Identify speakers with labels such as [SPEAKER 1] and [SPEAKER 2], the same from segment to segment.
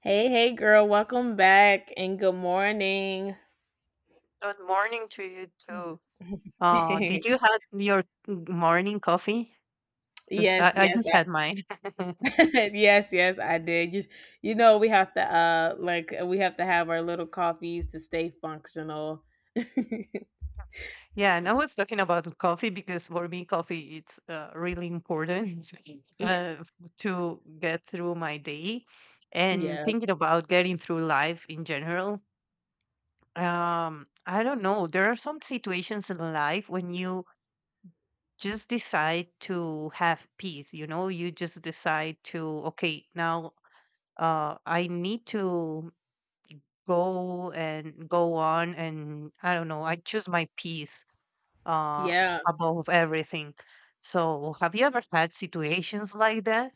[SPEAKER 1] Hey, hey, girl, welcome back and good morning.
[SPEAKER 2] Good morning to you too. Did you have your morning coffee? Because I,
[SPEAKER 1] Yes,
[SPEAKER 2] I
[SPEAKER 1] yes,
[SPEAKER 2] just
[SPEAKER 1] I,
[SPEAKER 2] had mine.
[SPEAKER 1] yes, yes, I did. You know, we have to, like, we have to have our little coffees to stay functional.
[SPEAKER 2] Yeah, and I was talking about coffee because for me, coffee it's really important. uh, to get through my day and
[SPEAKER 1] Yeah,
[SPEAKER 2] thinking about getting through life in general. I don't know. There are some situations in life when you just decide to have peace. You know, you just decide to okay, now I need to go and go on and I don't know, I choose my peace uh
[SPEAKER 1] yeah.
[SPEAKER 2] above everything. So have you ever had situations like that?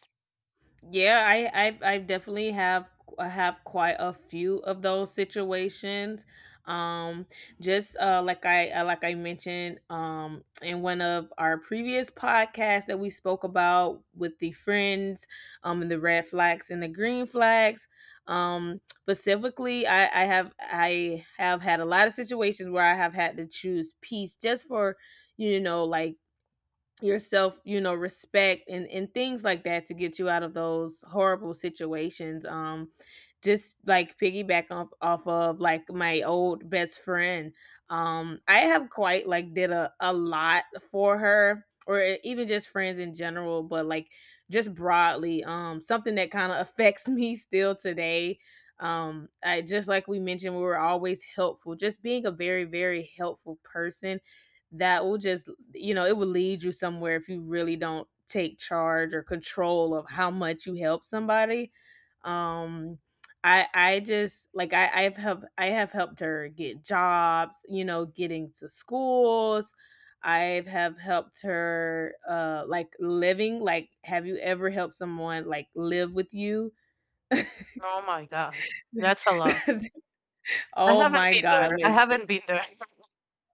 [SPEAKER 1] Yeah, I definitely have. I have quite a few of those situations. Um, just like I mentioned in one of our previous podcasts that we spoke about with the friends, and the red flags and the green flags. Specifically, I have had a lot of situations where I have had to choose peace just for, you know, like yourself, you know, respect and things like that to get you out of those horrible situations. Just like piggyback off of like my old best friend. I have quite like did a lot for her or even just friends in general, but like just broadly, something that kind of affects me still today. I just like we mentioned, we were always helpful. Just being a very, very helpful person that will just, you know, it will lead you somewhere if you really don't take charge or control of how much you help somebody. Um I just like I have helped her get jobs, you know, getting to schools. I've have helped her like living, like have you ever helped someone like live with you?
[SPEAKER 2] Oh my god. That's a lot. I
[SPEAKER 1] Oh
[SPEAKER 2] haven't
[SPEAKER 1] my
[SPEAKER 2] been
[SPEAKER 1] god,
[SPEAKER 2] there. I
[SPEAKER 1] like,
[SPEAKER 2] haven't been there.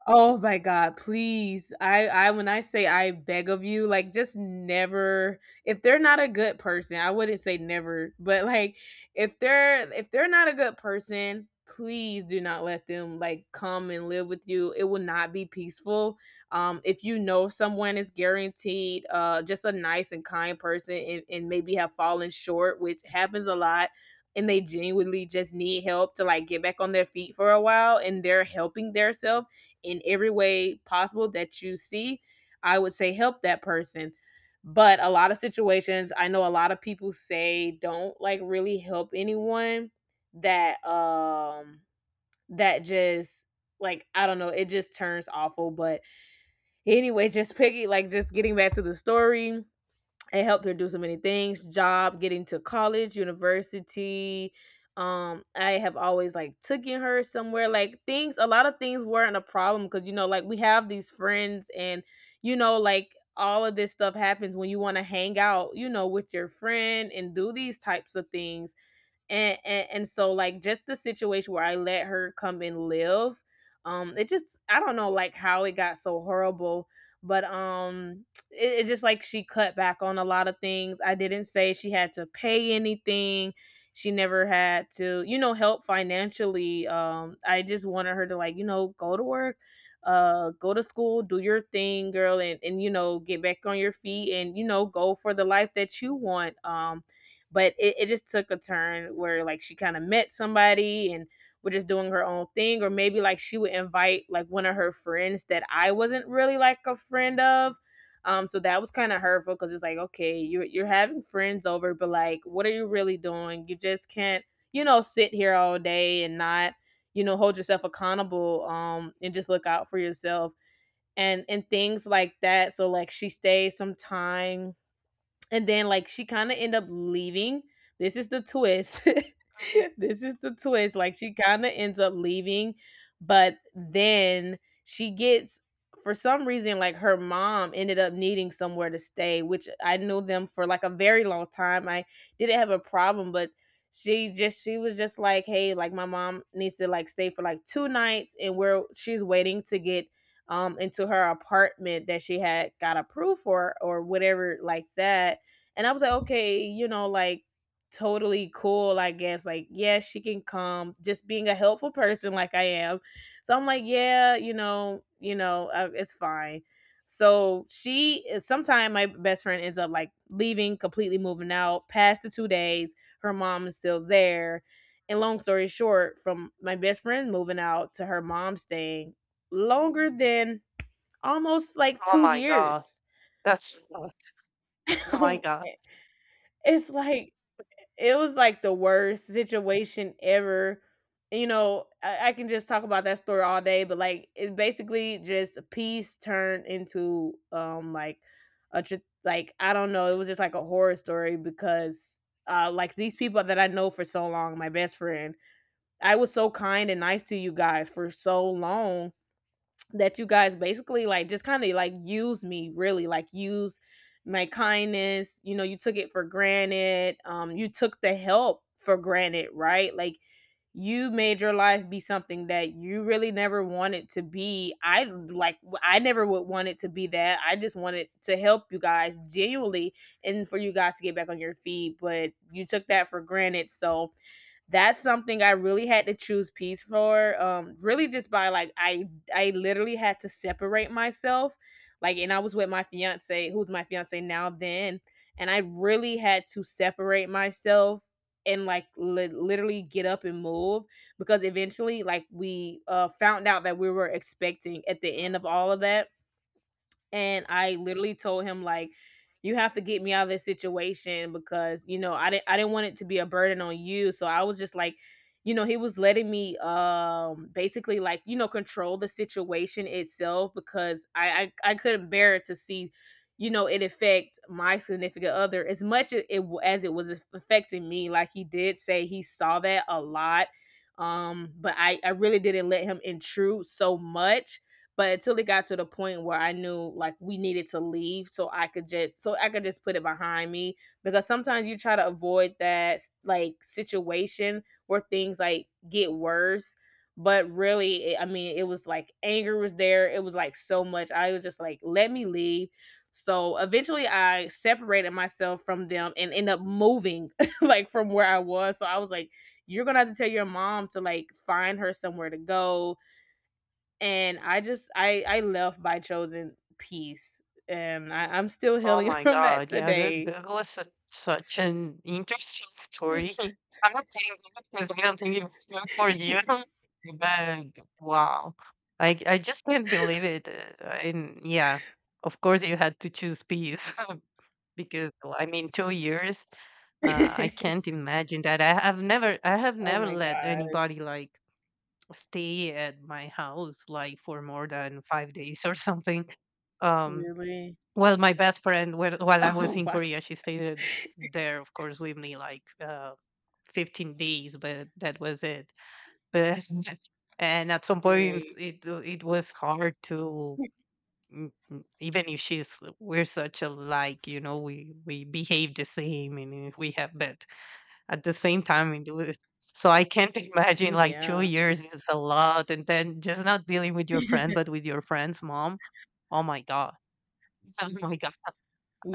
[SPEAKER 1] oh my god, please. I when I say I beg of you, like just never, if they're not a good person, I wouldn't say never, but like if they're not a good person, please do not let them like come and live with you. It will not be peaceful. If you know someone is guaranteed, just a nice and kind person, and maybe have fallen short, which happens a lot, and they genuinely just need help to like get back on their feet for a while, and they're helping theirself in every way possible that you see, I would say help that person. But a lot of situations, I know a lot of people say don't like really help anyone that that just like, I don't know, it just turns awful. But anyway, just picking like just getting back to the story, it helped her do so many things: job, getting to college, university. I have always like taken her somewhere, like things, a lot of things weren't a problem, because you know, like we have these friends, and you know, like all of this stuff happens when you want to hang out, you know, with your friend and do these types of things. And so like, just the situation where I let her come and live, it just, I don't know like how it got so horrible, but it just like, she cut back on a lot of things. I didn't say she had to pay anything. She never had to, you know, help financially. I just wanted her to like, you know, go to work, go to school, do your thing, girl, and you know, get back on your feet and you know, go for the life that you want. But it just took a turn where like she kind of met somebody and was just doing her own thing, or maybe like she would invite like one of her friends that I wasn't really like a friend of. So that was kind of hurtful, because it's like, okay, you're having friends over, but like what are you really doing? You just can't, you know, sit here all day and not, you know, hold yourself accountable, and just look out for yourself and things like that. So like, she stayed some time, and then like she kind of end up leaving. This is the twist,
[SPEAKER 2] Mhm.
[SPEAKER 1] this is the twist, like she kind of ends up leaving, but then she gets, for some reason, like her mom ended up needing somewhere to stay, which I knew them for like a very long time, I didn't have a problem, but she was just like, hey, like my mom needs to like stay for like two nights, and we're she's waiting to get into her apartment that she had got approved for or whatever like that. And I was like, okay, you know, like, totally cool, I guess. Like, yeah, she can come. Just being a helpful person like I am. So I'm like, yeah, you know, it's fine. So she sometime my best friend ends up like leaving, completely moving out. Past the 2 days, her mom is still there. And long story short, from my best friend moving out to her mom staying longer than almost like
[SPEAKER 2] Oh
[SPEAKER 1] 2
[SPEAKER 2] my god.
[SPEAKER 1] years.
[SPEAKER 2] That's a lot. Oh my god.
[SPEAKER 1] It's like, it was like the worst situation ever. You know, I can just talk about that story all day, but like it basically just, peace turned into like a tr- like, I don't know, it was just like a horror story, because like, these people that I know for so long, my best friend, I was so kind and nice to you guys for so long that you guys basically like just kind of like use me, really, like use my kindness, you know, you took it for granted, you took the help for granted, right? Like, you made your life be something that you really never wanted to be. I like, I never would want it to be that. I just wanted to help you guys genuinely, and for you guys to get back on your feet, but you took that for granted. So that's something I really had to choose peace for. Really just by like, I literally had to separate myself. Like, and I was with my fiance, who's my fiance now then, and I really had to separate myself and literally get up and move, because eventually like we found out that we were expecting at the end of all of that, and I literally told him like, you have to get me out of this situation because, you know, I didn't want it to be a burden on you, so I was just like, you know, he was letting me basically like, you know, control the situation itself, because I couldn't bear to see, you know, it affect my significant other as much as it was affecting me. Like, he did say he saw that a lot, but I really didn't let him intrude so much, but until it got to the point where I knew like we needed to leave, so I could just put it behind me, because sometimes you try to avoid that like situation where things like get worse, but really I mean it was like anger was there, it was like so much, I was just like, let me leave. So eventually I separated myself from them and end up moving like from where I was. So I was like, you're gonna have to tell your mom to like find her somewhere to go. And I just I left by chosen peace, and I'm still
[SPEAKER 2] Oh
[SPEAKER 1] healing
[SPEAKER 2] my
[SPEAKER 1] from that
[SPEAKER 2] God. Yeah, that
[SPEAKER 1] today.
[SPEAKER 2] that was a, such an interesting story. I'm not saying that because I don't think it was meant for you, but wow. I just can't believe it. And yeah, of course you had to choose peace. Because well, I mean, 2 years, I can't imagine that. I have
[SPEAKER 1] Oh
[SPEAKER 2] never
[SPEAKER 1] my
[SPEAKER 2] let
[SPEAKER 1] god,
[SPEAKER 2] anybody like stay at my house like for more than 5 days or something. Um,
[SPEAKER 1] really?
[SPEAKER 2] well, my best friend, when, while I was
[SPEAKER 1] Oh
[SPEAKER 2] in
[SPEAKER 1] wow,
[SPEAKER 2] Korea, she stayed there, of course, with me like 15 days, but that was it. But and at some points,
[SPEAKER 1] right?
[SPEAKER 2] it was hard to mm, mm, even if she's we're such alike, you know, we behave the same and if we have, but at the same time, it was, so I can't imagine like two
[SPEAKER 1] Yeah,
[SPEAKER 2] years is a lot, and then just not dealing with your friend, but with your friend's mom. Oh my god! Oh my god!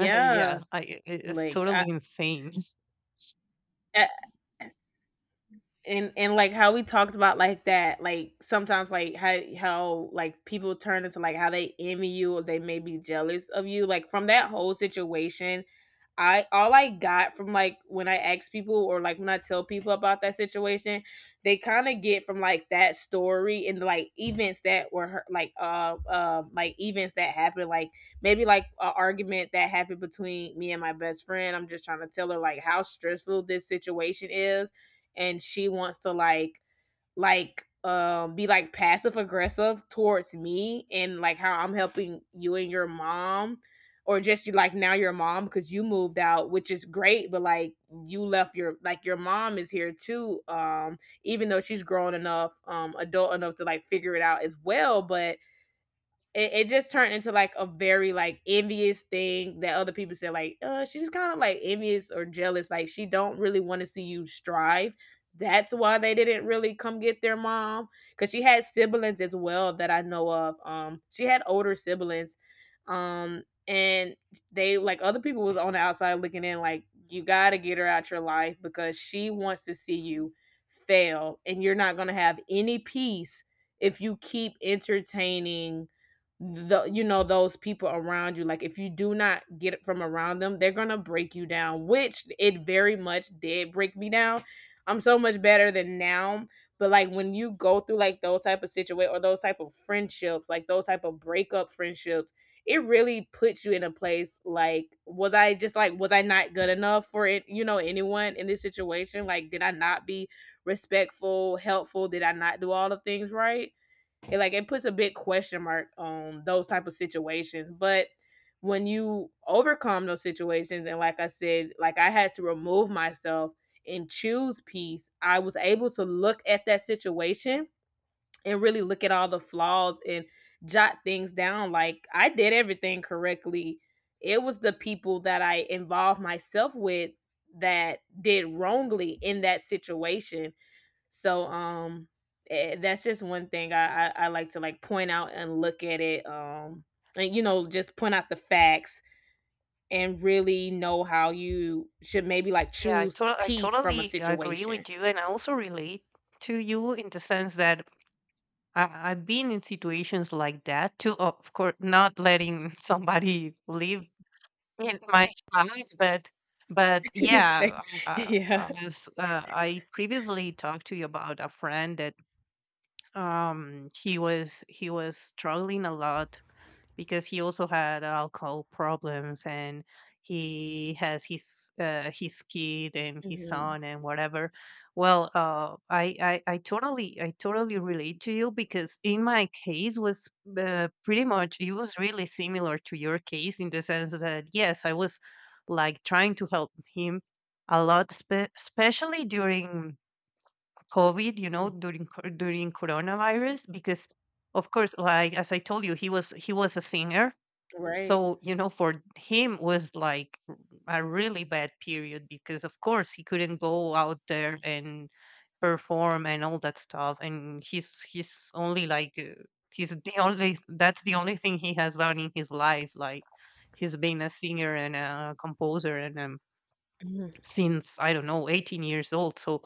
[SPEAKER 2] Yeah, it's
[SPEAKER 1] Like I,
[SPEAKER 2] totally insane.
[SPEAKER 1] and like how we talked about like that, like sometimes like how like people turn into like how they envy you or they may be jealous of you like from that whole situation. I, all I got from like when I ask people or like when I tell people about that situation, they kind of get from like that story and like events that were events that happened, like maybe like an argument that happened between me and my best friend. I'm just trying to tell her like how stressful this situation is, and she wants to like be like passive aggressive towards me and like how I'm helping you and your mom, or just you, like, now your mom, because you moved out, which is great, but like you left your, like your mom is here too. Even though she's grown enough, adult enough to like figure it out as well, but it just turned into like a very like envious thing that other people said, like she's just kind of like envious or jealous, like she don't really want to see you strive. That's why they didn't really come get their mom, because she had siblings as well that I know of. She had older siblings, and they, like, other people was on the outside looking in, like you gotta get her out your life because she wants to see you fail, and you're not gonna have any peace if you keep entertaining the, you know, those people around you. Like if you do not get it from around them, they're gonna break you down, which it very much did break me down. I'm so much better than now. But like when you go through like those type of situation or those type of friendships, like those type of breakup friendships, it really puts you in a place like, was I just like, was I not good enough for it, you know, anyone in this situation? Like, did I not be respectful, helpful? Did I not do all the things right? It, like it puts a big question mark on those type of situations. But when you overcome those situations, and like I said, like I had to remove myself and choose peace, I was able to look at that situation and really look at all the flaws and jot things down, like I did everything correctly. It was the people that I involved myself with that did wrongly in that situation. so um that's just one thing I like to like point out and look at it. And you know, just point out the facts and really know how you should maybe like
[SPEAKER 2] Yeah,
[SPEAKER 1] choose
[SPEAKER 2] I
[SPEAKER 1] peace from a
[SPEAKER 2] totally agree
[SPEAKER 1] situation.
[SPEAKER 2] with you, and I also relate to you in the sense that I've been in situations like that too. Of course, not letting somebody live in my house, but
[SPEAKER 1] It's like-
[SPEAKER 2] yeah,
[SPEAKER 1] yeah.
[SPEAKER 2] as I previously talked to you about a friend that he was struggling a lot because he also had alcohol problems and he has his kid and his
[SPEAKER 1] Mhm.
[SPEAKER 2] son and whatever. Well I totally relate to you because in my case was pretty much it was really similar to your case in the sense that yes I was like trying to help him a lot, especially during covid, you know,
[SPEAKER 1] Mm.
[SPEAKER 2] during during coronavirus, because of course like as I told you he was a singer,
[SPEAKER 1] Right.
[SPEAKER 2] so you know for him was like a really bad period because of course he couldn't go out there and perform and all that stuff, and he's only like he's the only, that's the only thing he has done in his life. Like he's been a singer and a composer and a
[SPEAKER 1] Mhm.
[SPEAKER 2] since I don't know 18 years old. So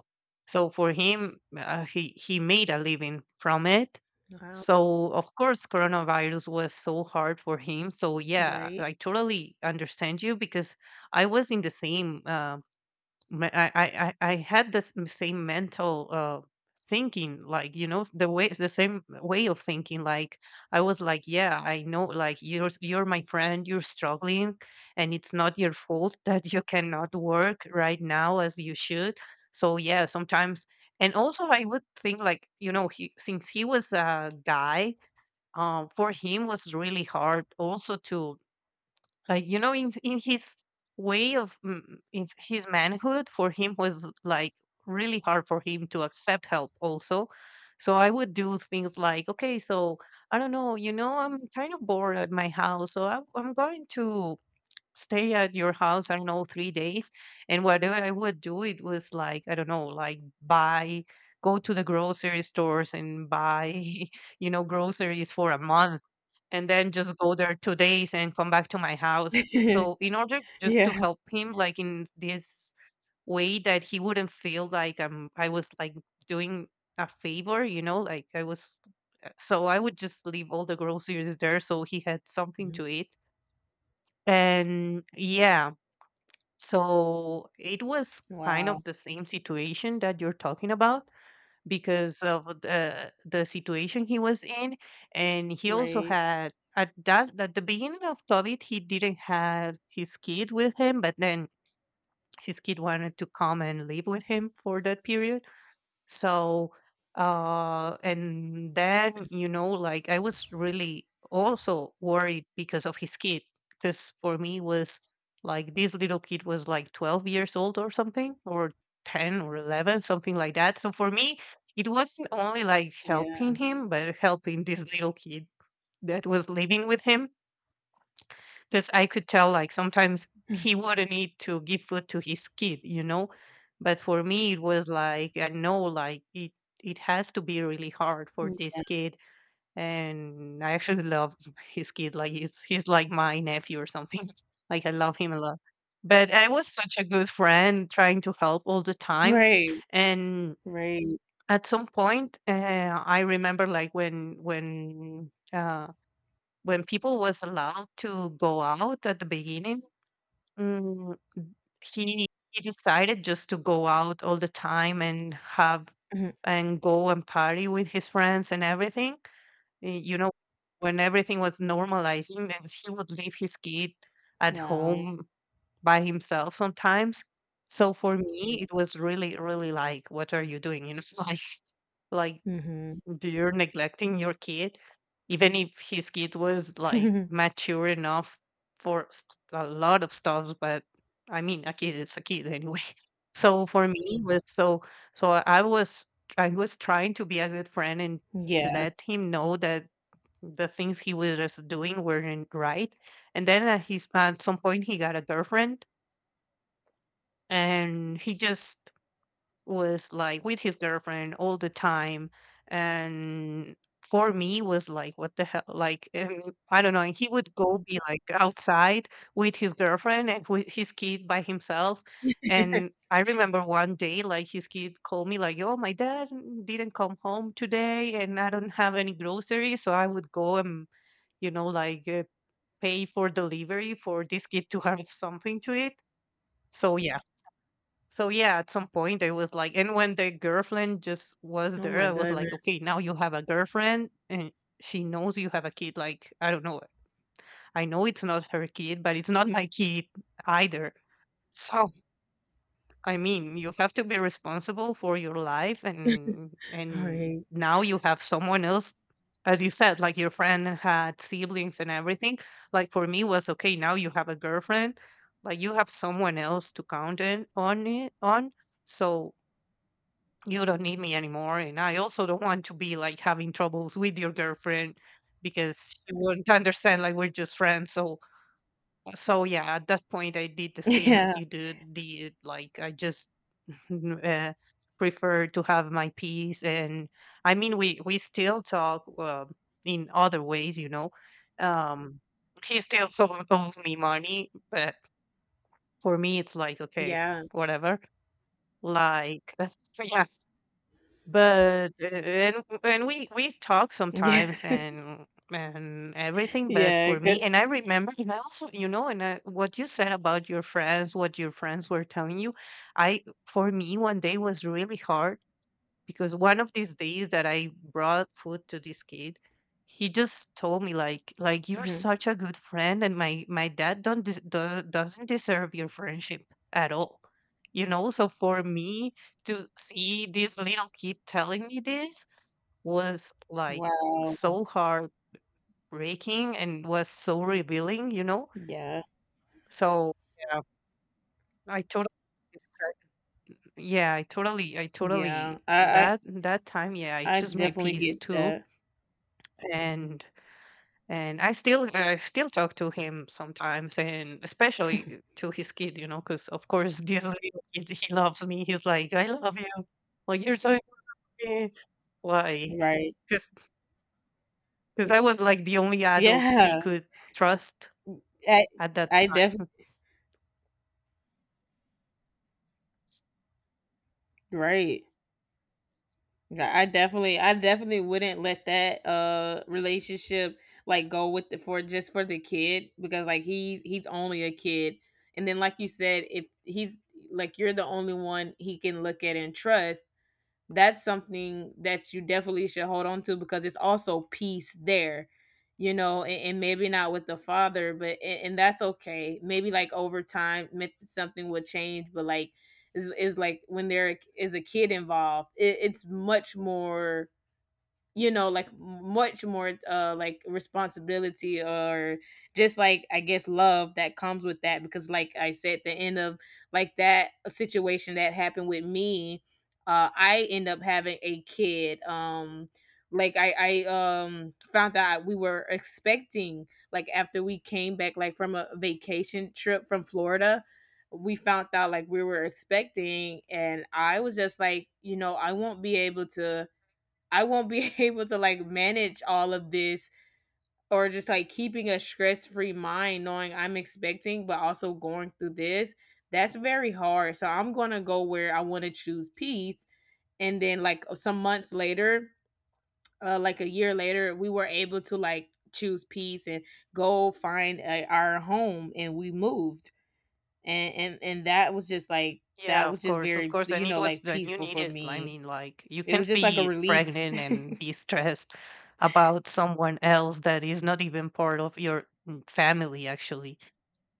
[SPEAKER 2] so for him, he made a living from it.
[SPEAKER 1] Wow.
[SPEAKER 2] So of course, coronavirus was so hard for him. So yeah,
[SPEAKER 1] Great.
[SPEAKER 2] I totally understand you because I was in the same. I had this same mental thinking, like you know the way, the same way of thinking. Like I was like yeah I know like you're my friend, you're struggling, and it's not your fault that you cannot work right now as you should. So yeah, sometimes, and also I would think like, you know, he since he was a guy, for him was really hard also to like, you know, in his way of mm, mm, in his manhood, for him was like really hard for him to accept help also. So I would do things like okay, so I don't know, you know, I'm kind of bored at my house, so I'm going to stay at your house, I don't know, 3 days and whatever I would do. It was like I don't know, like buy, go to the grocery stores and buy you know groceries for a month and then just go there 2 days and come back to my house. So in order just to
[SPEAKER 1] Yeah.
[SPEAKER 2] help him like in this way, that he wouldn't feel like I was like doing a favor, you know, like I was so I would just leave all the groceries there so he had something
[SPEAKER 1] Mhm.
[SPEAKER 2] to eat. And yeah, so it was kind
[SPEAKER 1] Wow.
[SPEAKER 2] of the same situation that you're talking about because of the situation he was in, and he also
[SPEAKER 1] Right.
[SPEAKER 2] had at that at the beginning of covid he didn't have his kid with him, but then his kid wanted to come and live with him for that period. So, and then, you know, like I was really also worried because of his kid. Because for me was like this little kid was like 12 years old or something, or 10 or 11, something like that. So for me, it wasn't only like helping
[SPEAKER 1] Yeah.
[SPEAKER 2] him, but helping this little kid that was living with him, because I could tell, like, sometimes he wouldn't need to give food to his kid, you know? But for me, it was like, I know, like, it has to be really hard for
[SPEAKER 1] Mm.
[SPEAKER 2] this kid. And I actually love his kid. Like, he's like my nephew or something. Like, I love him a lot. But I was such a good friend trying to help all the time.
[SPEAKER 1] Right.
[SPEAKER 2] And
[SPEAKER 1] Right.
[SPEAKER 2] at some point, I remember, like, when people was allowed to go out at the beginning. Mm, he decided just to go out all the time and have
[SPEAKER 1] Mhm.
[SPEAKER 2] and go and party with his friends and everything. You know, when everything was normalizing, and he would leave his kid at
[SPEAKER 1] Wow.
[SPEAKER 2] home by himself sometimes. So for me, it was really, really like, what are you doing? You know, like like
[SPEAKER 1] Hmm.
[SPEAKER 2] do you're neglecting your kid, even if his kid was like mature enough for a lot of stuff, but I mean, a kid is a kid anyway. So for me, it was so so I was trying to be a good friend and
[SPEAKER 1] Yeah.
[SPEAKER 2] let him know that the things he was doing weren't right. And then at his at some point he got a girlfriend and he just was like with his girlfriend all the time, and for me was like what the hell, like, I don't know, and he would go be like outside with his girlfriend and with his kid by himself. And I remember one day like his kid called me like yo, my dad didn't come home today and I don't have any groceries, so I would go and, you know, like pay for delivery for this kid to have something to eat. So yeah, so yeah, at some point I was like, and when the girlfriend just was
[SPEAKER 1] Oh
[SPEAKER 2] there,
[SPEAKER 1] my
[SPEAKER 2] I was like,
[SPEAKER 1] goodness.
[SPEAKER 2] okay, now you have a girlfriend and she knows you have a kid. Like, I don't know. I know it's not her kid, but it's not my kid either. So I mean, you have to be responsible for your life and
[SPEAKER 1] Right.
[SPEAKER 2] now you have someone else, as you said, like your friend had siblings and everything. Like for me was okay, now you have a girlfriend, like you have someone else to count in, on it on. So you don't need me anymore, and I also don't want to be like having troubles with your girlfriend because she wouldn't understand, like we're just friends. So so yeah, at that point I did the same
[SPEAKER 1] Yeah.
[SPEAKER 2] as you did like I just uh, prefer to have my peace. And I mean we still talk in other ways, you know. um he still owes me money, but for me it's like okay,
[SPEAKER 1] Yeah.
[SPEAKER 2] whatever, like. Yeah. But a and and we talk
[SPEAKER 1] Yeah.
[SPEAKER 2] sometimes and everything. But
[SPEAKER 1] Yeah.
[SPEAKER 2] for
[SPEAKER 1] Good.
[SPEAKER 2] me, and I remember, and I also, you know, and I, what you said about your friends, what your friends were telling you, I for me one day was really hard because one of these days that I brought food to this kid, he just told me like you're
[SPEAKER 1] Mhm.
[SPEAKER 2] such a good friend, and my dad don't des- do- doesn't deserve your friendship at all. You know, so for me to see this little kid telling me this was like
[SPEAKER 1] Wow.
[SPEAKER 2] so heartbreaking and was so revealing. You know,
[SPEAKER 1] Yeah.
[SPEAKER 2] so yeah, I totally yeah, I totally, I
[SPEAKER 1] Yeah.
[SPEAKER 2] totally
[SPEAKER 1] I, I
[SPEAKER 2] that time, yeah, I
[SPEAKER 1] I
[SPEAKER 2] choose my
[SPEAKER 1] definitely
[SPEAKER 2] peace
[SPEAKER 1] get
[SPEAKER 2] too.
[SPEAKER 1] that.
[SPEAKER 2] And and I still talk to him sometimes, and especially to his kid, because of course this little kid he loves me. He's like, "I love you, like you're so happy," like
[SPEAKER 1] Right.
[SPEAKER 2] because because I was like the only adult he
[SPEAKER 1] Yeah.
[SPEAKER 2] could trust
[SPEAKER 1] I
[SPEAKER 2] at that
[SPEAKER 1] I
[SPEAKER 2] time.
[SPEAKER 1] definitely, right. Yeah, I definitely, I definitely wouldn't let that relationship like go with the, for just for the kid, because like he's only a kid. And then like you said, if he's, like you're the only one he can look at and trust, that's something that you definitely should hold on to, because it's also peace there, you know. And maybe not with the father, but and that's okay, maybe like over time something will change. But like, is like when there is a kid involved, it's much more, you know, like much more like responsibility, or just like, I guess, love that comes with that, because like I said, the end of like that situation that happened with me, I end up having a kid. Like I found out we were expecting, like after we came back like from a vacation trip from Florida. We found out like we were expecting, and I was just like, you know, I won't be able to, I won't be able to like manage all of this, or just like keeping a stress free mind, knowing I'm expecting, but also going through this. That's very hard. So I'm going to go where I want to choose peace. And then, like, some months later, like a year later, we were able to like choose peace and go find our home, and we moved. And that was just like,
[SPEAKER 2] Yeah,
[SPEAKER 1] that was just
[SPEAKER 2] of
[SPEAKER 1] very,
[SPEAKER 2] course, and
[SPEAKER 1] you
[SPEAKER 2] it
[SPEAKER 1] know,
[SPEAKER 2] was
[SPEAKER 1] like
[SPEAKER 2] that you
[SPEAKER 1] peaceful for
[SPEAKER 2] needed. I
[SPEAKER 1] me.
[SPEAKER 2] mean, like you
[SPEAKER 1] It was
[SPEAKER 2] can't
[SPEAKER 1] just like a
[SPEAKER 2] be
[SPEAKER 1] relief.
[SPEAKER 2] pregnant and be stressed about someone else that is not even part of your family, actually.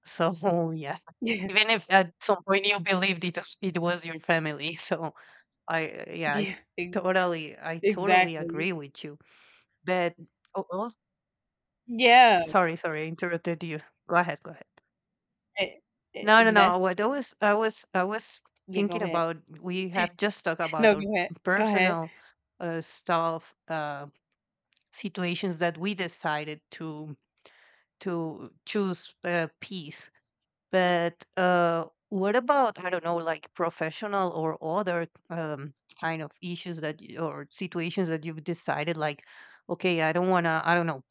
[SPEAKER 2] So yeah,
[SPEAKER 1] Yeah.
[SPEAKER 2] even if at some point you believed it was your family. So I yeah, I
[SPEAKER 1] Yeah.
[SPEAKER 2] totally I totally
[SPEAKER 1] Exactly.
[SPEAKER 2] agree with you. But oh,
[SPEAKER 1] Yeah.
[SPEAKER 2] sorry, I interrupted you. Go ahead, go ahead.
[SPEAKER 1] A- a-
[SPEAKER 2] No, no,
[SPEAKER 1] and that's,
[SPEAKER 2] no. What I was
[SPEAKER 1] yeah, go
[SPEAKER 2] thinking
[SPEAKER 1] ahead.
[SPEAKER 2] about, we have just talked about
[SPEAKER 1] No,
[SPEAKER 2] our
[SPEAKER 1] go ahead. Go ahead.
[SPEAKER 2] personal stuff, situations that we decided to choose peace. But what about, I don't know, like professional or other kind of issues that you, or situations that you've decided, like, okay, I don't want to, I don't know,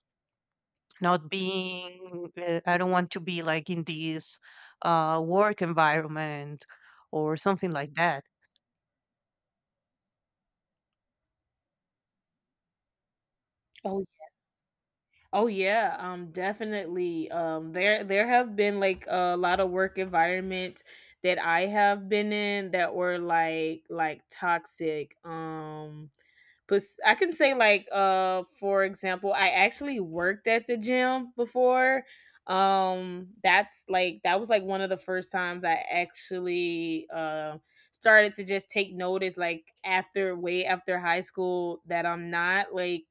[SPEAKER 2] not being, I don't want to be like in this work environment or something like that.
[SPEAKER 1] Oh, oh yeah. Definitely. There there have been like a lot of work environments that I have been in that were like toxic. But I can say like for example, I actually worked at the gym before. That's like, that was like one of the first times I actually started to just take notice, like after way after high school, that I'm not like,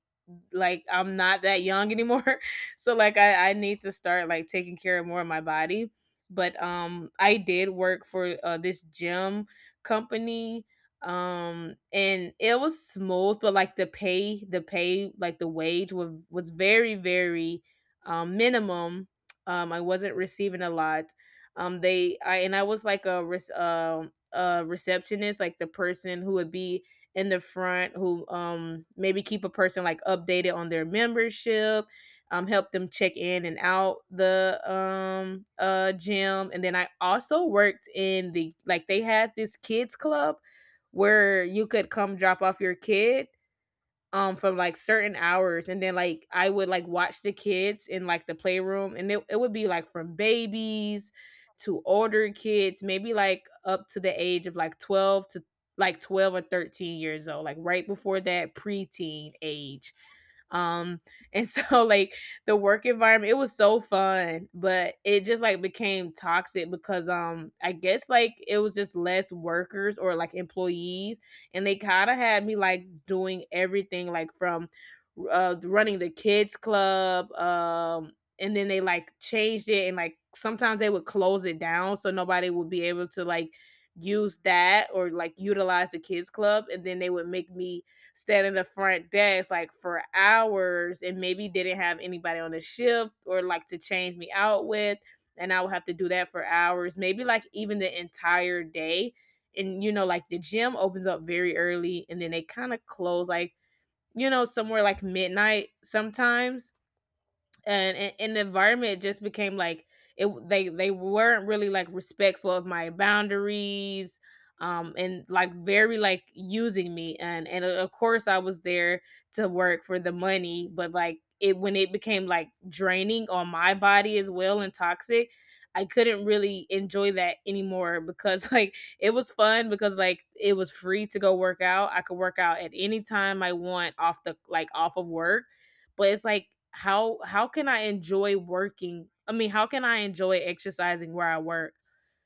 [SPEAKER 1] like I'm not that young anymore. So like, I need to start like taking care of more of my body. But I did work for this gym company and it was smooth, but like the pay, the wage was very very minimum. I wasn't receiving a lot. They I and I was like a a receptionist, like the person who would be in the front, who maybe keep a person like updated on their membership, help them check in and out the gym. And then I also worked in the, like they had this kids club where you could come drop off your kid from like certain hours. And then like I would like watch the kids in like the playroom, and it would be like from babies to older kids, maybe like up to the age of like 12 to like 12 or 13 years old, like right before that preteen age. um and so like the work environment, it was so fun, but it just like became toxic, because I guess like it was just less workers or like employees, and they kind of had me like doing everything, like from running the kids club. And then they like changed it, and like sometimes they would close it down, so nobody would be able to like use that or like utilize the kids club. And then they would make me stand in the front desk like for hours, and maybe they didn't have anybody on the shift or like to change me out with, and I would have to do that for hours, maybe like even the entire day. And you know like the gym opens up very early, and then they kind of close like, you know, somewhere like midnight sometimes. And the environment just became like, it, they weren't really like respectful of my boundaries, and like very like using me. And Of course I was there to work for the money, but like it, when it became like draining on my body as well and toxic, I couldn't really enjoy that anymore, because like it was fun, because like it was free to go work out. I could work out at any time I want off the, like off of work. But it's like, how can I enjoy working? I mean, how can I enjoy exercising where I work?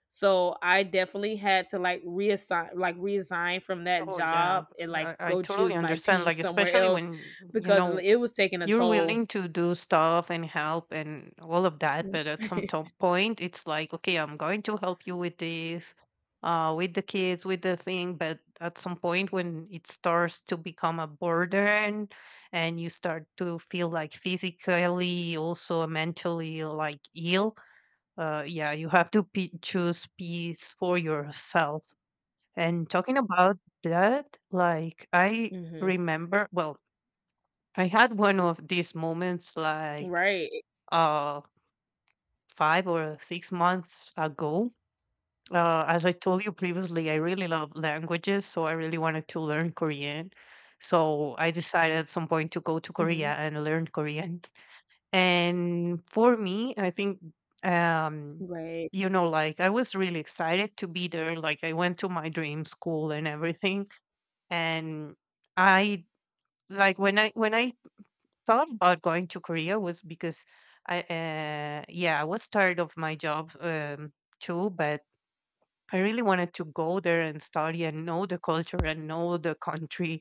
[SPEAKER 1] So I definitely had to like reassign, like resign from that
[SPEAKER 2] Oh yeah,
[SPEAKER 1] job and like
[SPEAKER 2] I
[SPEAKER 1] go
[SPEAKER 2] totally
[SPEAKER 1] choose my
[SPEAKER 2] understand.
[SPEAKER 1] peace
[SPEAKER 2] Like,
[SPEAKER 1] somewhere
[SPEAKER 2] especially
[SPEAKER 1] else,
[SPEAKER 2] when you
[SPEAKER 1] because
[SPEAKER 2] know
[SPEAKER 1] it was taking a
[SPEAKER 2] you're
[SPEAKER 1] toll.
[SPEAKER 2] willing to do stuff and help and all of that, but at some point it's like, okay, I'm going to help you with this with the kids, with the thing, but at some point when it starts to become a burden and you start to feel like physically, also mentally, like ill, yeah, you have to pe choose peace for yourself. And talking about that, like, I
[SPEAKER 1] Hmm.
[SPEAKER 2] remember well, I had one of these moments like
[SPEAKER 1] Right.
[SPEAKER 2] uh 5 or 6 months ago. As I told you previously, I really love languages, so I really wanted to learn Korean. So I decided at some point to go to Korea
[SPEAKER 1] Hmm.
[SPEAKER 2] and learn Korean. And for me, I think, um
[SPEAKER 1] Right.
[SPEAKER 2] like I was really excited to be there. Like I went to my dream school and everything. And I like when I thought about going to Korea was because yeah, I was tired of my job, too, but I really wanted to go there and study and know the culture and know the country,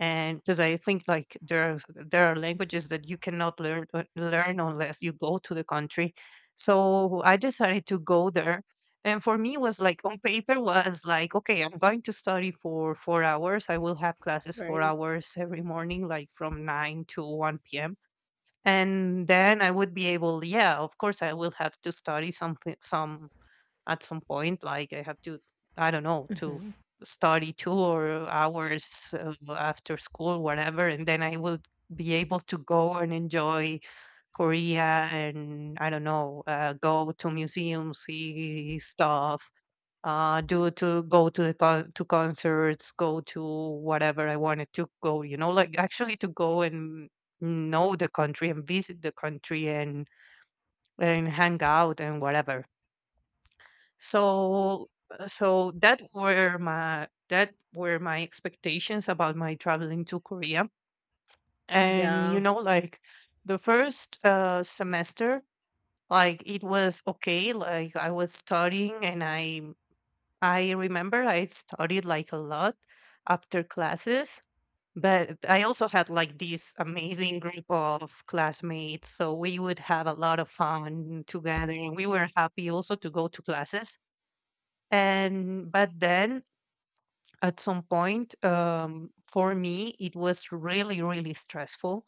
[SPEAKER 2] and because I think like there are languages that you cannot learn unless you go to the country. So I decided to go there. And for me, it was like, on paper was like, okay, I'm going to study for 4 hours. I will have classes four
[SPEAKER 1] Right.
[SPEAKER 2] hours every morning, like from 9 to 1 p.m., and then I would be able, yeah, of course I will have to study something, some at some point. Like I have to, I don't know, to
[SPEAKER 1] Hmm.
[SPEAKER 2] study 2 or hours, after school, whatever, and then I will be able to go and enjoy Korea and I don't know, go to museums, see stuff, do to go to to concerts, go to whatever I wanted to go. You know, like actually to go and know the country and visit the country and hang out and whatever. So so that were my expectations about my traveling to Korea. And,
[SPEAKER 1] Yeah.
[SPEAKER 2] like the first semester, like it was okay. Like I was studying and I remember I studied like a lot after classes, but I also had like this amazing group of classmates. So we would have a lot of fun together and we were happy also to go to classes. And but then at some point, for me, it was really, really stressful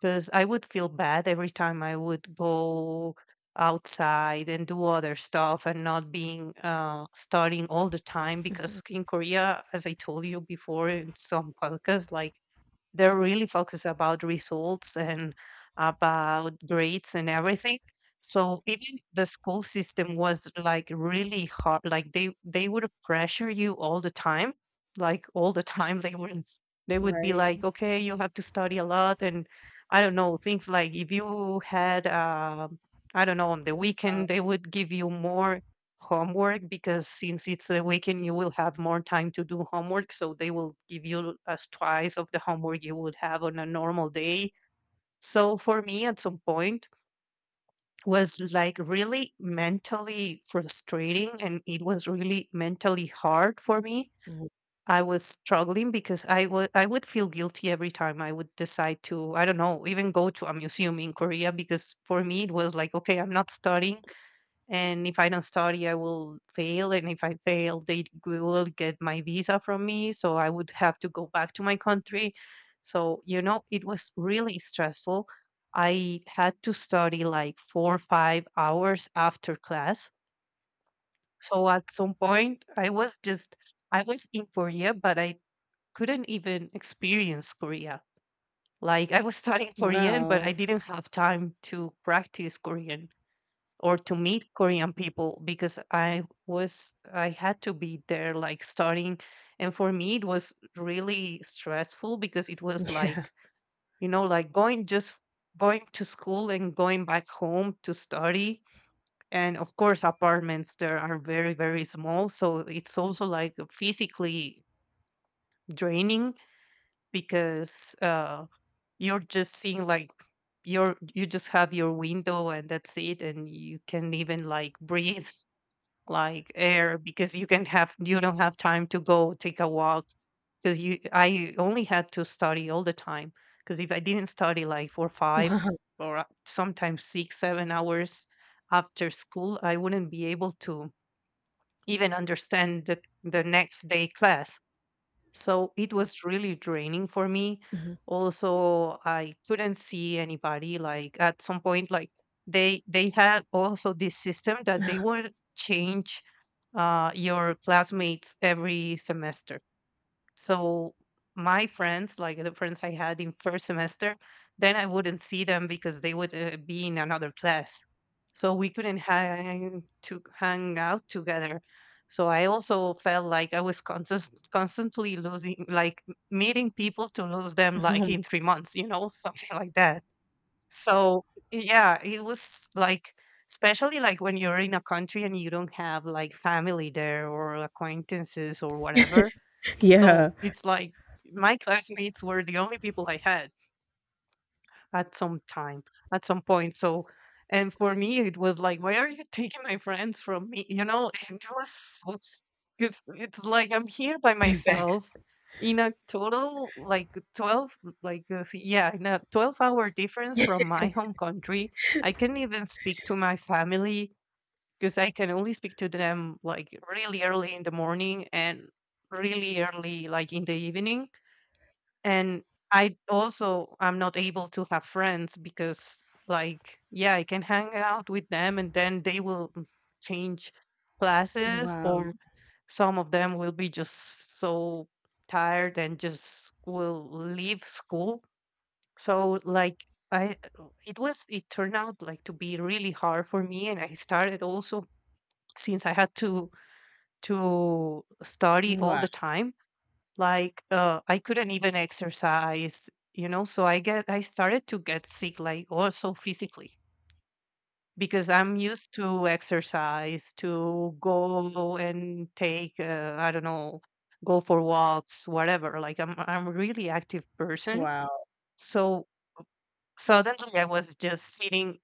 [SPEAKER 2] because I would feel bad every time I would go outside and do other stuff and not being studying all the time.
[SPEAKER 1] Mhm.
[SPEAKER 2] Because in Korea, as I told you before in some podcasts, like they're really focused about results and about grades and everything. So even the school system was like really hard. Like they would pressure you all the time, like all the time. They would be like,
[SPEAKER 1] Right.
[SPEAKER 2] okay, you have to study a lot, and I don't know things like, if you had, I don't know, on the
[SPEAKER 1] Yeah.
[SPEAKER 2] weekend they would give you more homework because since it's a weekend, you will have more time to do homework. So they will give you as twice of the homework you would have on a normal day. So for me, at some point, was like really mentally frustrating and it was really mentally hard for me.
[SPEAKER 1] Mhm.
[SPEAKER 2] I was struggling because I would feel guilty every time I would decide to, I don't know, even go to a museum in Korea because for me it was like, okay, I'm not studying, and if I don't study, I will fail. And if I fail, they will get my visa from me. So, I would have to go back to my country. So, it was really stressful. I had to study like 4 or 5 hours after class. So at some point, I was in Korea, but I couldn't even experience Korea. Like I was studying Korean, but I
[SPEAKER 1] Wow.
[SPEAKER 2] didn't have time to practice Korean or to meet Korean people because I had to be there like starting, and for me it was really stressful because it was
[SPEAKER 1] Yeah.
[SPEAKER 2] like, like going just going to school and going back home to study, and of course apartments there are very very small, so it's also like physically draining because you're just seeing like, you just have your window and that's it, and you can even like breathe like air because you don't have time to go take a walk, because you I only had to study all the time, because if I didn't study like for 5
[SPEAKER 1] Wow.
[SPEAKER 2] or sometimes 6 7 hours after school, I wouldn't be able to even understand the next day class. So it was really draining for me.
[SPEAKER 1] Mhm.
[SPEAKER 2] Also, I couldn't see anybody. Like at some point, like they had also this system that they would change your classmates every semester. So my friends, like the friends I had in first semester, then I wouldn't see them because they would be in another class, so we couldn't hang to hang out together. So I also felt like I was constantly losing, like, meeting people to lose them, like, in 3 months, something like that. So yeah, it was like, especially like when you're in a country and you don't have like family there or acquaintances or whatever, so
[SPEAKER 1] Yeah.
[SPEAKER 2] it's like my classmates were the only people I had at some time, at some point. So, and for me, it was like, why are you taking my friends from me? You know, it's like I'm here by
[SPEAKER 1] Exactly.
[SPEAKER 2] myself in a total like 12, like, yeah, in a 12-hour difference from my home country. I can't even speak to my family because I can only speak to them like really early in the morning and really early like in the evening, and I also I'm not able to have friends because like yeah I can hang out with them and then they will change classes,
[SPEAKER 1] Wow.
[SPEAKER 2] or some of them will be just so tired and just will leave school, so like I it was it turned out like to be really hard for me, and I started also, since I had to study all
[SPEAKER 1] Wow.
[SPEAKER 2] the time, like, I couldn't even exercise, so I started to get sick, like also physically, because I'm used to exercise, to go and take, I don't know, go for walks, whatever. Like I'm a really active person.
[SPEAKER 1] Wow.
[SPEAKER 2] So suddenly I was just sitting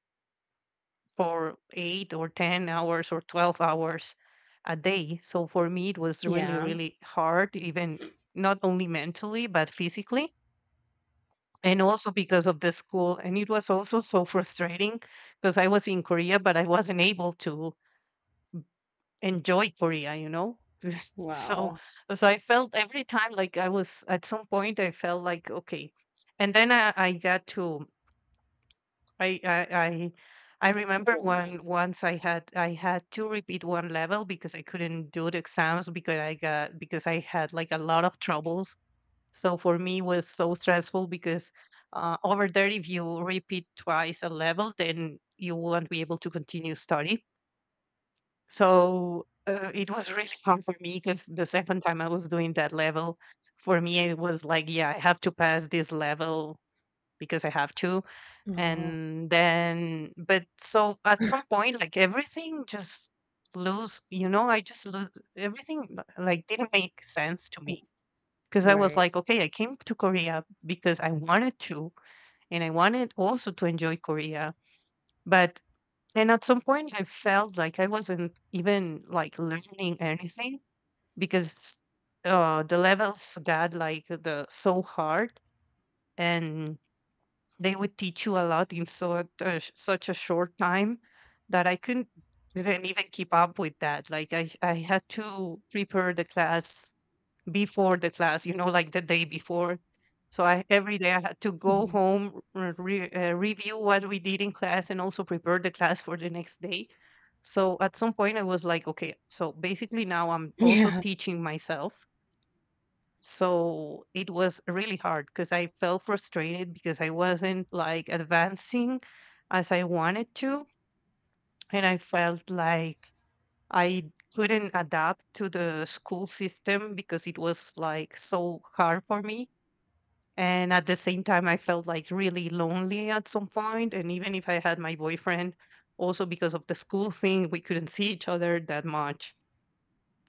[SPEAKER 2] for 8 or 10 hours or 12 hours a day. So for me, it was really,
[SPEAKER 1] Yeah.
[SPEAKER 2] really hard, even not only mentally, but physically. And also because of the school, and it was also so frustrating because I was in Korea but I wasn't able to enjoy Korea, so
[SPEAKER 1] Wow.
[SPEAKER 2] so I felt every time, like, I was at some point I felt like, okay. And then I, I i I remember,
[SPEAKER 1] Yeah.
[SPEAKER 2] when once I had to repeat one level because I couldn't do the exams, because I had like a lot of troubles. So for me was so stressful because, over there, if you repeat twice a level, then you won't be able to continue study. So it was really hard for me because the second time I was doing that level, for me it was like, yeah, I have to pass this level because I have to.
[SPEAKER 1] Oh,
[SPEAKER 2] And then, but so at some point, like everything just lose, I just lose everything. Like didn't make sense to me because I was
[SPEAKER 1] right.
[SPEAKER 2] like, okay, I came to Korea because I wanted to, and I wanted also to enjoy Korea. But and at some point, I felt like I wasn't even like learning anything because the levels got like the so hard, and they would teach you a lot in so such a short time that I couldn't didn't even keep up with that. Like I had to prepare the class before the class, like the day before. So I, every day I had to go
[SPEAKER 1] Mhm.
[SPEAKER 2] home, review what we did in class, and also prepare the class for the next day. So at some point I was like, okay, so basically now I'm also
[SPEAKER 1] Yeah.
[SPEAKER 2] teaching myself. So it was really hard because I felt frustrated because I wasn't like advancing as I wanted to. And I felt like I couldn't adapt to the school system because it was like so hard for me. And at the same time, I felt like really lonely at some point. And even if I had my boyfriend, also because of the school thing, we couldn't see each other that much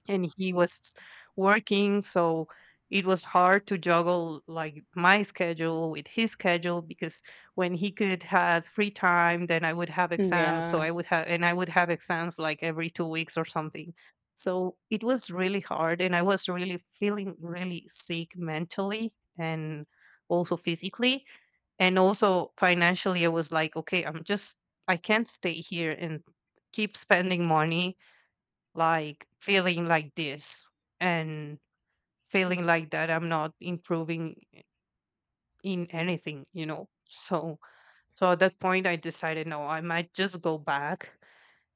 [SPEAKER 2] and he was working so it was hard to juggle like my schedule with his schedule because when he could have free time then I would have exams so
[SPEAKER 1] Yeah.
[SPEAKER 2] I would have and I would have exams like every 2 weeks or something. So it was really hard and I was really feeling really sick mentally and also physically and also financially I was like, okay, I'm just I can't stay here and keep spending money like feeling like this and feeling
[SPEAKER 1] Mhm.
[SPEAKER 2] like that I'm not improving in anything. So so at that point I decided no, I might just go back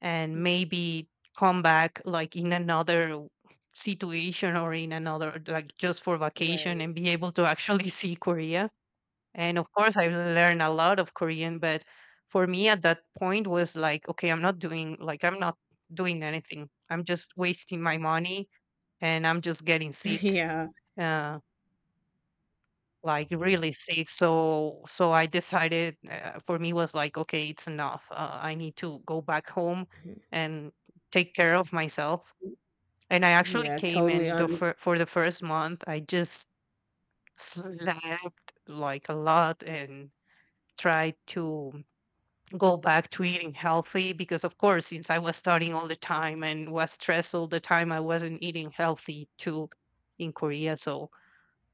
[SPEAKER 2] and maybe come back like in another situation or in another like just for vacation
[SPEAKER 1] Right.
[SPEAKER 2] and be able to actually see Korea. And of course I learned a lot of Korean, but for me at that point was like, okay, I'm not doing like I'm not doing anything. I'm just wasting my money and I'm just getting sick,
[SPEAKER 1] Yeah.
[SPEAKER 2] uh, like really sick. So so I decided for me was like, okay, it's enough. I need to go back home
[SPEAKER 1] Mhm.
[SPEAKER 2] and take care of myself. And I actually
[SPEAKER 1] Yeah,
[SPEAKER 2] came
[SPEAKER 1] totally
[SPEAKER 2] and
[SPEAKER 1] under-
[SPEAKER 2] for the first month, I just slept like a lot and tried to go back to eating healthy because of course since I was studying all the time and was stressed all the time I wasn't eating healthy too in Korea so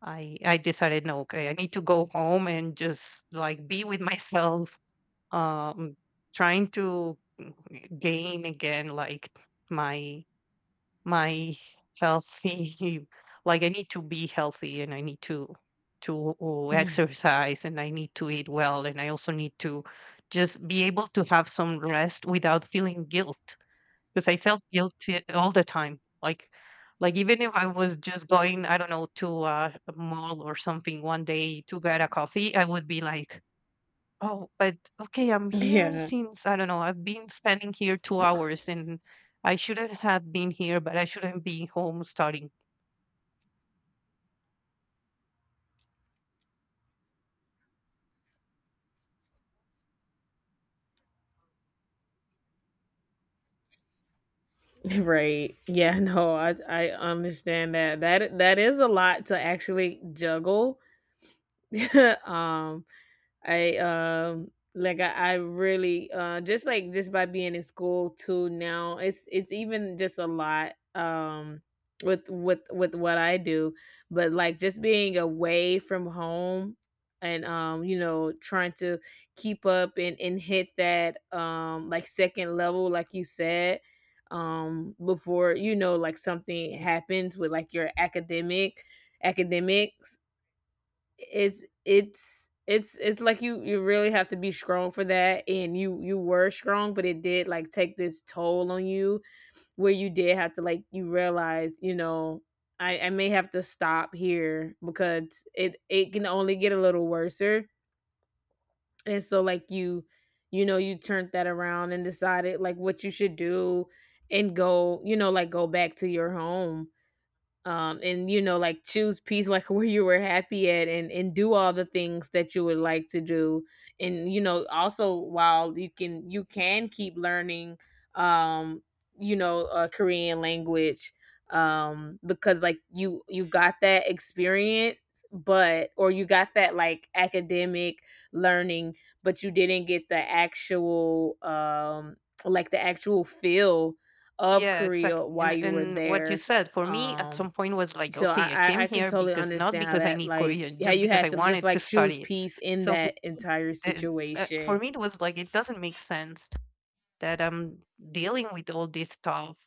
[SPEAKER 2] I decided no, okay, I need to go home and just like be with myself, um trying to gain again like my my healthy like I need to be healthy and I need to to exercise and I need to eat well and I also need to just be able to have some rest without feeling guilt. 'Cause I felt guilty all the time. Like, even if I was just going, I don't know, to, a mall or something one day to get a coffee, I would be like, "Oh, but okay, I'm here
[SPEAKER 1] Yeah.
[SPEAKER 2] since I don't know, I've been spending here 2 hours, and I shouldn't have been here, but I shouldn't be home starting."
[SPEAKER 1] Right. Yeah, no, I understand that. That, that is a lot to actually juggle. um I like I really just like just by being in school too now, it's even just a lot with with what I do. But like just being away from home, and you know, trying to keep up and hit that like second level, like you said, before, you know, like something happens with like your academics, it's, it's like you really have to be strong for that, and you were strong, but it did like take this toll on you where you did have to like, you realize, you know, I may have to stop here, because it can only get a little worser. And so like you know, you turned that around and decided like what you should do, and go, you know, like go back to your home. And you know like, choose peace like where you were happy at, and do all the things that you would like to do. And you know, also while you can, you can keep learning, um you know, Korean language, because like you got that experience. But, or you got that like academic learning, but you didn't get the actual like the actual feel of
[SPEAKER 2] Yeah,
[SPEAKER 1] Korea
[SPEAKER 2] exactly.
[SPEAKER 1] while you were
[SPEAKER 2] And what you
[SPEAKER 1] there.
[SPEAKER 2] said for me at
[SPEAKER 1] um
[SPEAKER 2] some point was like,
[SPEAKER 1] so I,
[SPEAKER 2] okay, I
[SPEAKER 1] I
[SPEAKER 2] came
[SPEAKER 1] I can
[SPEAKER 2] here
[SPEAKER 1] totally
[SPEAKER 2] because not
[SPEAKER 1] understand how
[SPEAKER 2] because I
[SPEAKER 1] that,
[SPEAKER 2] need
[SPEAKER 1] like
[SPEAKER 2] Korean,
[SPEAKER 1] how
[SPEAKER 2] just
[SPEAKER 1] you
[SPEAKER 2] because
[SPEAKER 1] had
[SPEAKER 2] I
[SPEAKER 1] to just
[SPEAKER 2] wanted to
[SPEAKER 1] like choose
[SPEAKER 2] study it.
[SPEAKER 1] peace in
[SPEAKER 2] So for
[SPEAKER 1] that
[SPEAKER 2] me,
[SPEAKER 1] entire
[SPEAKER 2] the, for
[SPEAKER 1] situation.
[SPEAKER 2] me, it was like it doesn't make sense that I'm dealing with all this stuff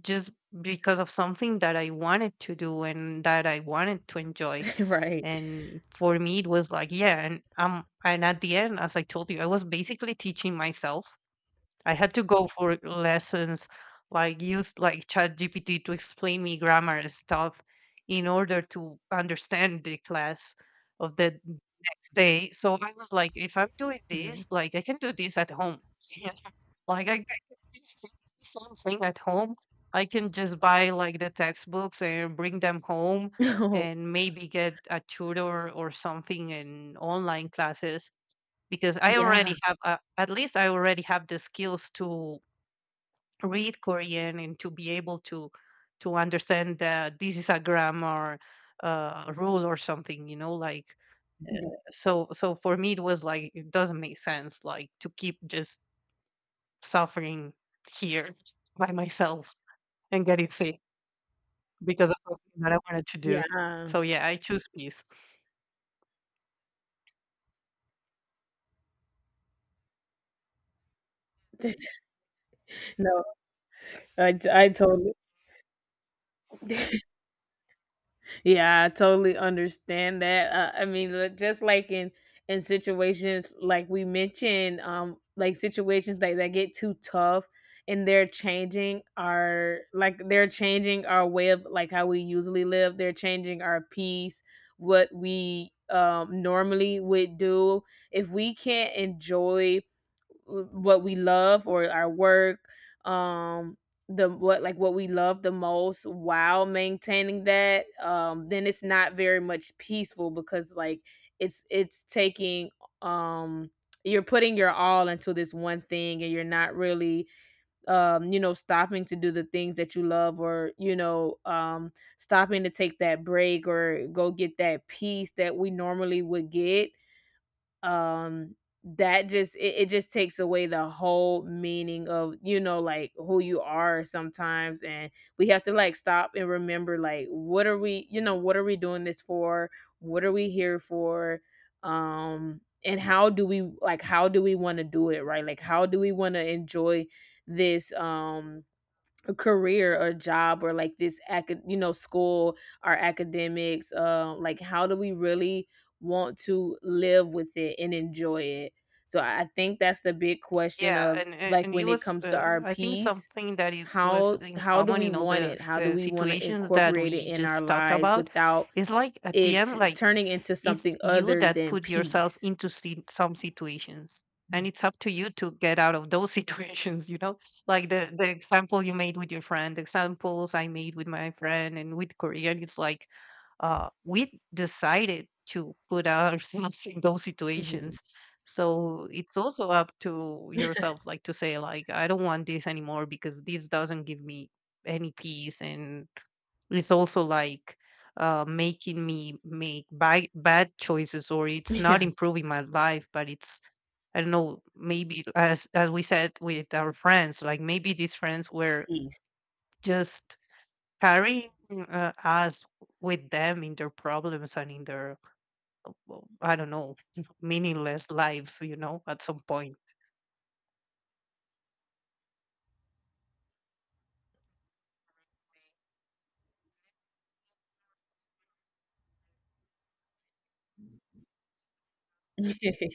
[SPEAKER 2] just because of something that I wanted to do and that I wanted to enjoy.
[SPEAKER 1] Right?
[SPEAKER 2] And for me, it was like, yeah, and at the end, as I told you, I was basically teaching myself I had to go for lessons, like used like ChatGPT to explain me grammar and stuff in order to understand the class of the next day. So I was like, if I'm doing
[SPEAKER 1] Hmm.
[SPEAKER 2] this, like I can do this at home. you know? like I can do something at home. I can just buy like the textbooks and bring them home
[SPEAKER 1] Oh
[SPEAKER 2] and maybe get a tutor or something in online classes because I
[SPEAKER 1] yeah,
[SPEAKER 2] already have at least I already have the skills to read Korean and to be able to understand that this is a grammar rule or something, like so so for me it was like it doesn't make sense like to keep just suffering here by myself and getting sick because of something that I wanted to do.
[SPEAKER 1] yeah.
[SPEAKER 2] So yeah, I choose peace.
[SPEAKER 1] No, I totally. Yeah, I totally understand that. I mean, just like in situations like we mentioned, like situations that that get too tough, and they're changing our, like they're changing our way of like how we usually live. They're changing our peace, what we normally would do. If we can't enjoy what we love or our work, um the, what like what we love the most, while maintaining that, then it's not very much peaceful, because like it's taking, um you're putting your all into this one thing, and you're not really, you know, stopping to do the things that you love or you know, stopping to take that break or go get that peace that we normally would get, um that just, it just takes away the whole meaning of, you know, like who you are sometimes, and we have to like stop and remember like, what are we, you know, what are we doing this for? What are we here for? And how do we like, how do we want to do it right? Like how do we want to enjoy this, a career or job, or like this you know, school, our academics? Like how do we really want to live with it and enjoy it? So I think that's the big question
[SPEAKER 2] Yeah,
[SPEAKER 1] of like
[SPEAKER 2] and it
[SPEAKER 1] when it
[SPEAKER 2] was,
[SPEAKER 1] comes to our
[SPEAKER 2] I think,
[SPEAKER 1] peace.
[SPEAKER 2] something that it was
[SPEAKER 1] how
[SPEAKER 2] in
[SPEAKER 1] how do
[SPEAKER 2] common
[SPEAKER 1] we
[SPEAKER 2] in all
[SPEAKER 1] want
[SPEAKER 2] the
[SPEAKER 1] it? How do we want to
[SPEAKER 2] situations that
[SPEAKER 1] incorporate it
[SPEAKER 2] we
[SPEAKER 1] in our
[SPEAKER 2] just talked
[SPEAKER 1] lives
[SPEAKER 2] about.
[SPEAKER 1] without
[SPEAKER 2] It's like at the
[SPEAKER 1] it
[SPEAKER 2] end,
[SPEAKER 1] t-
[SPEAKER 2] like
[SPEAKER 1] turning into
[SPEAKER 2] it's
[SPEAKER 1] something
[SPEAKER 2] you
[SPEAKER 1] other
[SPEAKER 2] that
[SPEAKER 1] than
[SPEAKER 2] put yourself
[SPEAKER 1] peace?
[SPEAKER 2] into some situations, and
[SPEAKER 1] Mm.
[SPEAKER 2] it's up to you to get out of those situations. Like the example you made with your friend, the examples I made with my friend, and with Korean, it's like we decided to put ourselves in those
[SPEAKER 1] Hmm.
[SPEAKER 2] situations so it's also up to yourself, like to say, like, I don't want this anymore because this doesn't give me any peace, and it's also like making me make bad choices, or it's not
[SPEAKER 1] Yeah,
[SPEAKER 2] improving my life, but it's I don't know, maybe as we said with our friends, like maybe these friends were
[SPEAKER 1] peace.
[SPEAKER 2] just carrying us with them in their problems and in their well, I don't know meaningless lives, at some point.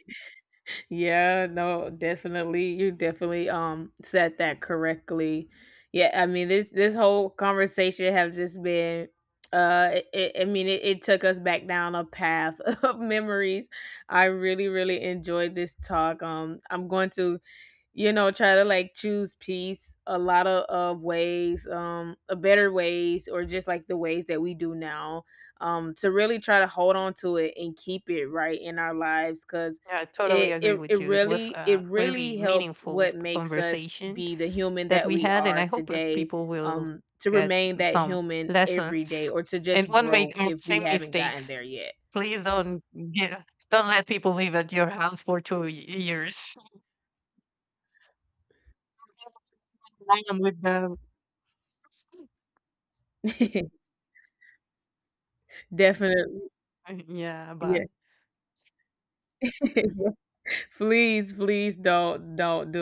[SPEAKER 1] Yeah, no, definitely. You definitely said that correctly. Yeah, I mean, this whole conversation have just been I mean it, it took us back down a path of memories. I really really enjoyed this talk. I'm going to, you know, try to like choose peace a lot of ways, a better ways, or just like the ways that we do now, to really try to hold on to it and keep it right in our lives, because
[SPEAKER 2] Yeah, I totally
[SPEAKER 1] it,
[SPEAKER 2] agree
[SPEAKER 1] it
[SPEAKER 2] with
[SPEAKER 1] it
[SPEAKER 2] you. It was
[SPEAKER 1] really, it
[SPEAKER 2] a really
[SPEAKER 1] really helps
[SPEAKER 2] meaningful
[SPEAKER 1] what makes us
[SPEAKER 2] conversation
[SPEAKER 1] be the human
[SPEAKER 2] that
[SPEAKER 1] that
[SPEAKER 2] we
[SPEAKER 1] we
[SPEAKER 2] had, and
[SPEAKER 1] are
[SPEAKER 2] I hope
[SPEAKER 1] today,
[SPEAKER 2] people will
[SPEAKER 1] to
[SPEAKER 2] get
[SPEAKER 1] remain that
[SPEAKER 2] some
[SPEAKER 1] human every day,
[SPEAKER 2] lessons
[SPEAKER 1] or to
[SPEAKER 2] and
[SPEAKER 1] just
[SPEAKER 2] won't
[SPEAKER 1] grow
[SPEAKER 2] make the
[SPEAKER 1] if we
[SPEAKER 2] same
[SPEAKER 1] haven't gotten there
[SPEAKER 2] mistakes.
[SPEAKER 1] yet.
[SPEAKER 2] Please don't get, don't let people live at your house for years. I am with them.
[SPEAKER 1] Definitely.
[SPEAKER 2] Yeah,
[SPEAKER 1] Yeah.
[SPEAKER 2] bye.
[SPEAKER 1] Please, please don't do